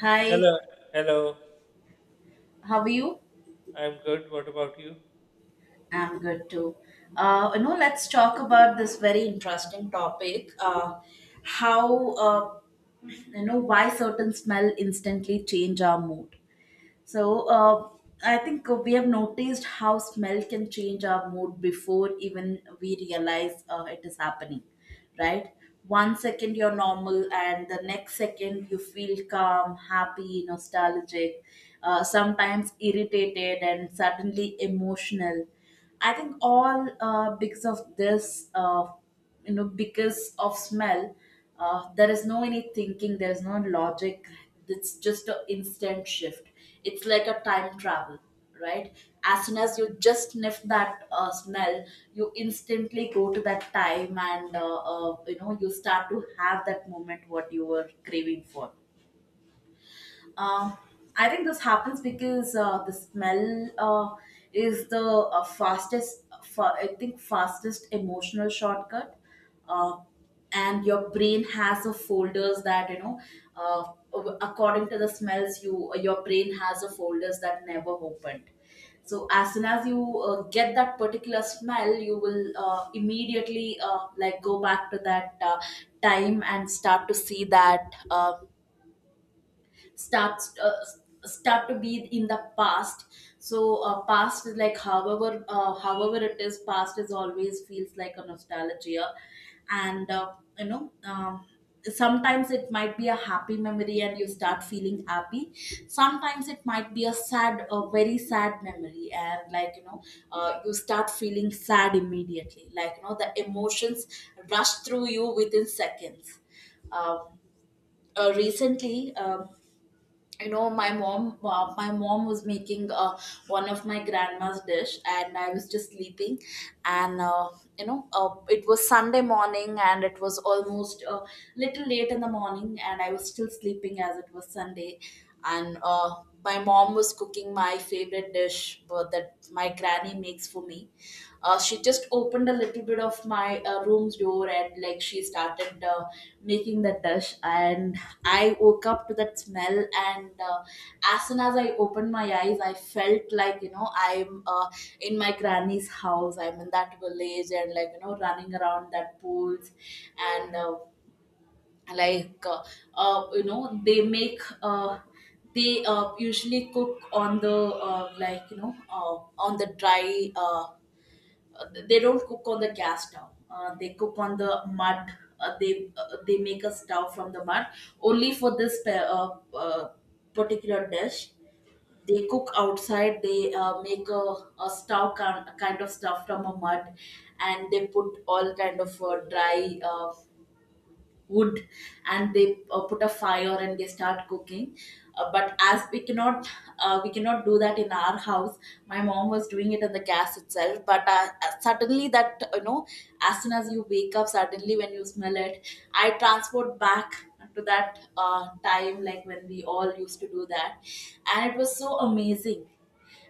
Hi, Hello, hello. how are you? I'm good. What about you? I'm good too. Let's talk about this very interesting topic. How you know Why certain smell instantly change our mood. So uh, I think we have noticed how smell can change our mood before even we realize it is happening, right? One second you're normal, and the next second you feel calm, happy, nostalgic, sometimes irritated, and suddenly emotional. I think all because of this. Because of smell, there is no any thinking, there is no logic, it's just an instant shift, it's like a time travel, right? As soon as you just sniff that smell, you instantly go to that time, and you start to have that moment what you were craving for. um, I think this happens because the smell is the fastest, I think, fastest emotional shortcut. Uh, and your brain has a folders that, uh, according to the smells, your brain has a folders that never opened. So as soon as you get that particular smell, you will immediately like go back to that time and start to see that. Uh, starts uh, Start to be in the past. Past is like, however it is, past is always feels like a nostalgia. And you know Sometimes it might be a happy memory and you start feeling happy. Sometimes it might be a very sad memory, and you start feeling sad immediately, the emotions rush through you within seconds. um, Recently, my mom, my mom was making one of my grandma's dish, and I was just sleeping. And you know It was Sunday morning and it was almost a little late in the morning, and I was still sleeping as it was Sunday. And My mom was cooking my favorite dish that my granny makes for me. She just opened a little bit of my room's door, and like she started making the dish, and I woke up to that smell. And As soon as I opened my eyes, I felt like I'm in my granny's house, I'm in that village, and running around that pools. And like you know They make, they usually cook on the, uh, like you know uh, on the dry, they don't cook on the gas stove. They cook on the mud. They, they make a stove from the mud. Only for this uh, uh, particular dish, they cook outside. They make a stove kind of stuff from a mud, and they put all kind of dry wood, and they put a fire and they start cooking. But as we cannot do that in our house. My mom was doing it in the gas itself, but suddenly that, as soon as you wake up, suddenly when you smell it, I transport back to that time, like when we all used to do that. And it was so amazing.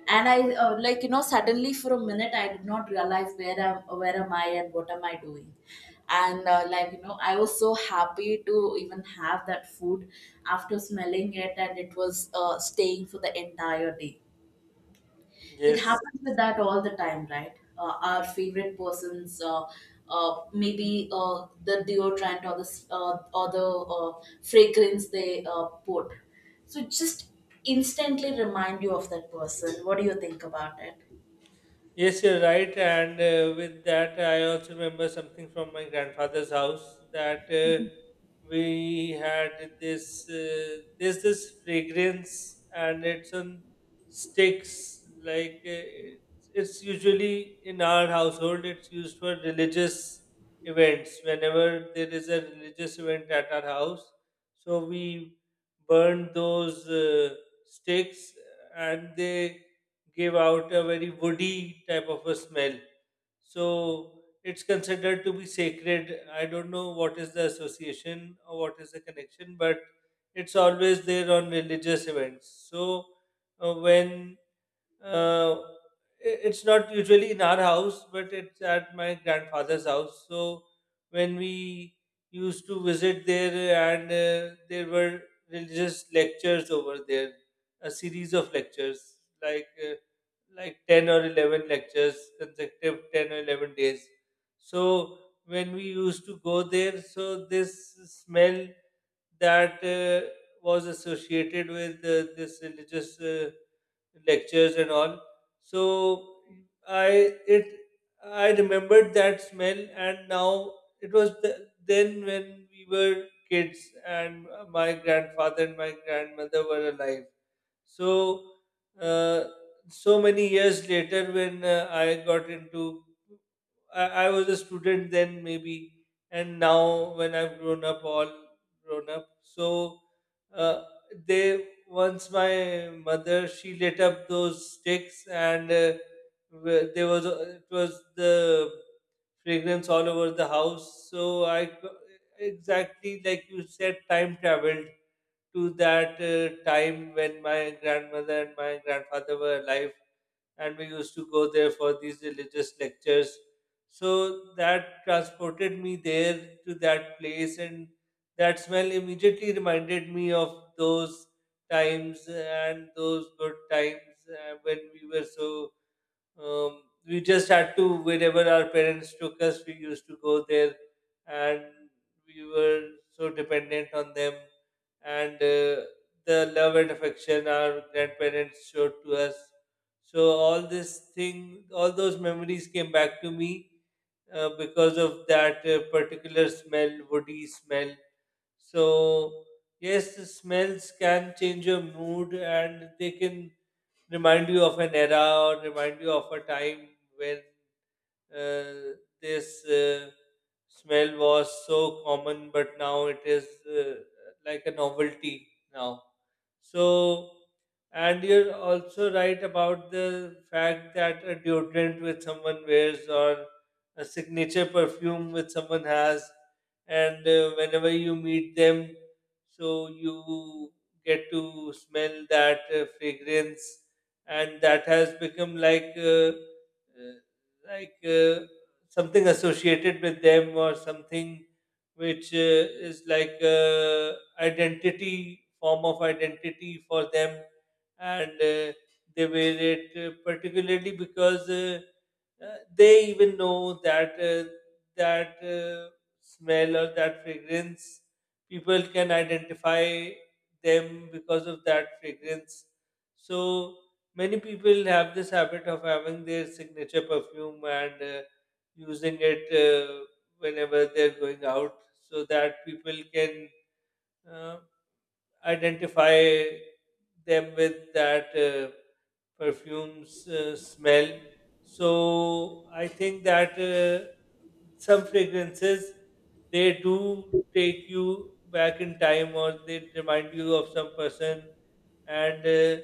And I, suddenly for a minute I did not realize where am I and what am I doing. And like you know I was so happy to even have that food after smelling it, and it was staying for the entire day. It Yes. happens with that all the time, right? Our favorite persons, maybe the deodorant, or the or the uh, fragrance they put, so just instantly remind you of that person. What do you think about it? Yes, you're right. And with that, I also remember something from my grandfather's house that we had this. There's this fragrance, and it's on sticks. It's usually in our household. It's used for religious events. Whenever there is a religious event at our house, so we burn those sticks, and they give out a very woody type of a smell. So it's considered to be sacred. I don't know what is the association or what is the connection, but it's always there on religious events. So uh, when uh, it's not usually in our house, but it's at my grandfather's house. So when we used to visit there, and there were religious lectures over there, a series of lectures like. Uh, like 10 or 11 lectures, consecutive 10 or 11 days. So when we used to go there, so this smell that was associated with this religious lectures and all. So I it I remembered that smell, and now it was the, then when we were kids and my grandfather and my grandmother were alive. So, uh, so many years later, when I got into, I was a student then maybe, and now when I've grown up, all grown up. So, uh, they once my mother, she lit up those sticks and there was it was the fragrance all over the house. So exactly like you said, time traveled to that time when my grandmother and my grandfather were alive, and we used to go there for these religious lectures. So that transported me there to that place, and that smell immediately reminded me of those times and those good times when we were so we just had to, wherever our parents took us, we used to go there, and we were so dependent on them. And the love and affection our grandparents showed to us. So all this thing, all those memories came back to me because of that particular smell, woody smell. So yes, the smells can change your mood, and they can remind you of an era or remind you of a time when uh, this smell was so common, but now it is like a novelty now. So, and you're also right about the fact that a deodorant which someone wears or a signature perfume which someone has, and whenever you meet them, so you get to smell that fragrance, and that has become like something associated with them, or something which is like identity, form of identity for them. And they wear it particularly because they even know that that uh, smell or that fragrance, people can identify them because of that fragrance. So many people have this habit of having their signature perfume and using it whenever they're going out, so that people can uh, identify them with that perfume's smell. So I think that some fragrances, they do take you back in time, or they remind you of some person, and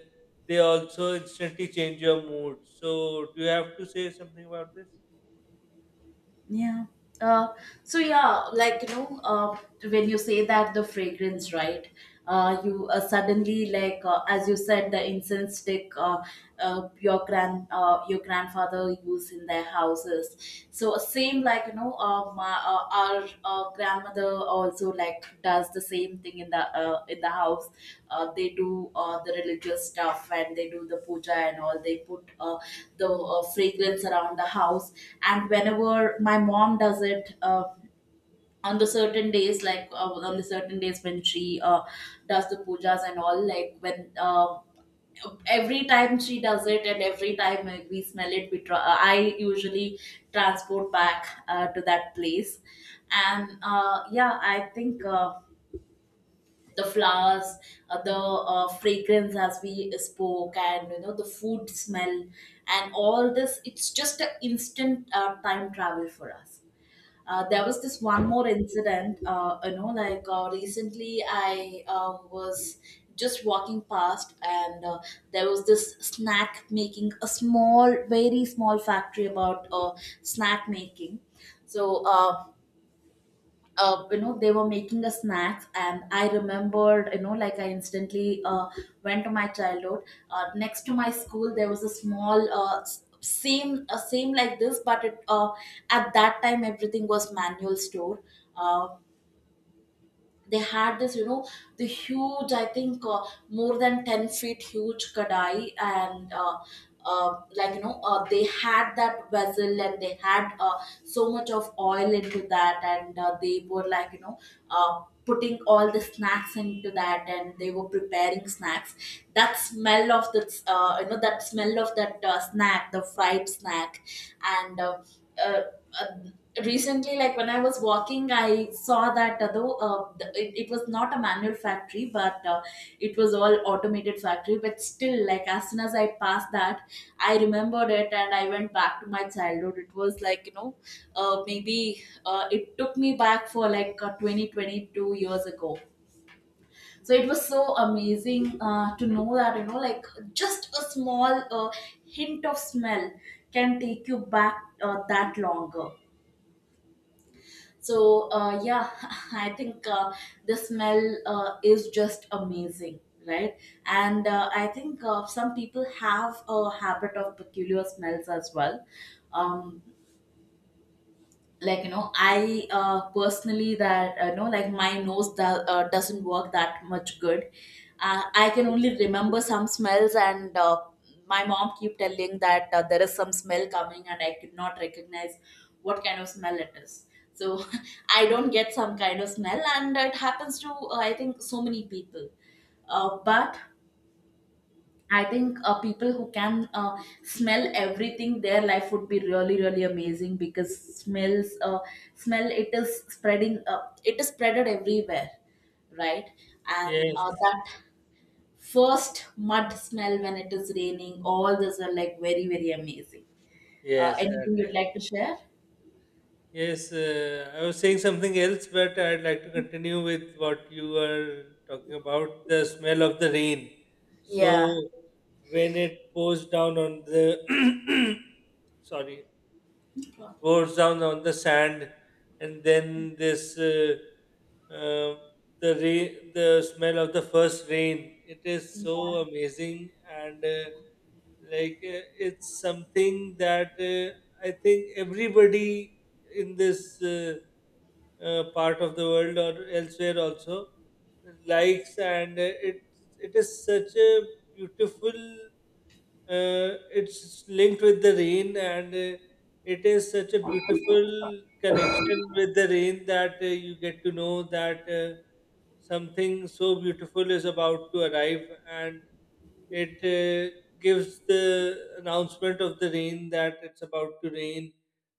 they also instantly change your mood. So, do you have to say something about this? Yeah. Uh, so yeah, like you know, uh, when you say that the fragrance, right? You suddenly, like, as you said, the incense stick, your grandfather used in their houses. So same, my, our grandmother also like does the same thing in the, in the house. They do the religious stuff, and they do the puja and all. They put the fragrance around the house. And whenever my mom does it. On the certain days, on the certain days when she uh, does the pujas and all, like when every time she does it, and every time we smell it we try, I usually transport back to that place. And Yeah, I think the flowers, the fragrance as we spoke, and the food smell and all this, it's just an instant time travel for us. There was this one more incident. Recently I was just walking past, and there was this snack making, a small, very small factory about snack making. So uh, they were making a snacks, and I remembered, I instantly went to my childhood. Next to my school there was a small, same like this, but it, at that time everything was manual store. uh they had this, the huge, I think more than 10 feet huge kadai, and they had that vessel, and they had so much of oil into that, and they were, putting all the snacks into that, and they were preparing snacks. That smell of the, that smell of that snack, the fried snack, and uh, uh, recently, like when I was walking, I saw that, it was not a manual factory, but it was all automated factory. But still, like as soon as I passed that, I remembered it, and I went back to my childhood. It was like, maybe it took me back for like, 20 22 years ago. So it was so amazing to know that, just a small uh, hint of smell can take you back that longer. Yeah, I think the smell is just amazing, right? And I think some people have a habit of peculiar smells as well. Um, like I personally, that, like my doesn't work that much good. I can only remember some smells, and my mom keep telling that there is some smell coming and I could not recognize what kind of smell it is. So I don't get some kind of smell, and it happens to, I think, so many people. But I think people who can smell everything, their life would be really, really amazing, because smells, smell, it is spreading, it is spreaded everywhere, right? And Yes, that first mud smell when it is raining, all those are like very, very amazing. Yes, that Anything you'd is. like to share? Yes, I was saying something else, but I'd like to continue with what you were talking about, the smell of the rain. So, Yeah. when it pours down on the sorry, goes down on the sand, and then this uh, the rain, the smell of the first rain. It is so amazing, and like uh, it's something that I think everybody in this part of the world or elsewhere also likes, and it is such a beautiful, uh, it's linked with the rain, and it is such a beautiful connection with the rain that you get to know that something so beautiful is about to arrive, and it gives the announcement of the rain, that it's about to rain.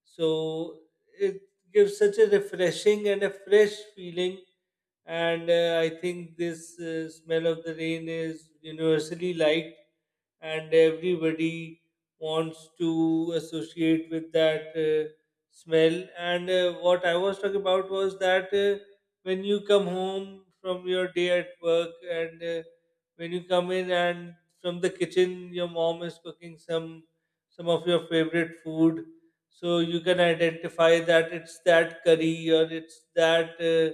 So it gives such a refreshing and a fresh feeling. And I think this smell of the rain is universally liked, and everybody wants to associate with that smell. And what I was talking about was that when you come home from your day at work, and when you come in and from the kitchen, your mom is cooking some of your favorite food, so you can identify that it's that curry, or it's that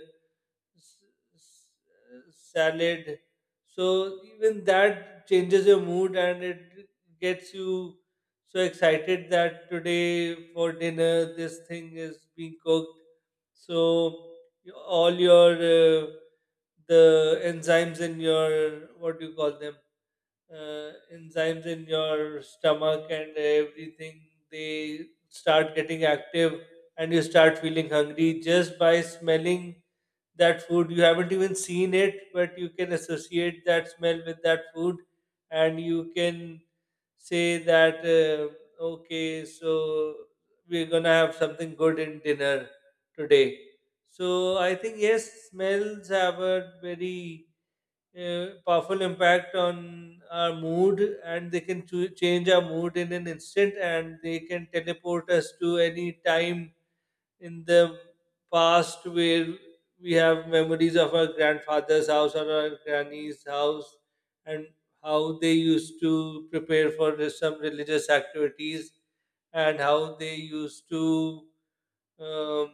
s- s- salad. So even that changes your mood, and it gets you so excited that today for dinner this thing is being cooked. So all your the enzymes in your, what do you call them, enzymes in your stomach and everything, they start getting active, and you start feeling hungry just by smelling that food. You haven't even seen it, but you can associate that smell with that food, and you can say that okay, so we're gonna have something good in dinner today. So I think, yes, smells have a very powerful impact on our mood, and they can change our mood in an instant, and they can teleport us to any time in the past where we have memories of our grandfather's house or our granny's house, and how they used to prepare for some religious activities, and how they used to um,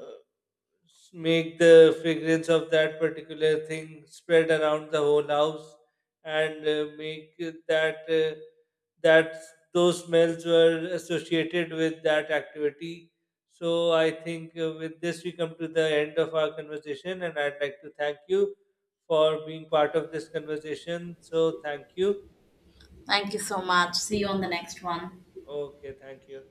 uh, make the fragrance of that particular thing spread around the whole house, and make it that that those smells were associated with that activity. So I think with this we come to the end of our conversation, and I'd like to thank you for being part of this conversation. So thank you. Thank you so much. See you on the next one. Okay, thank you.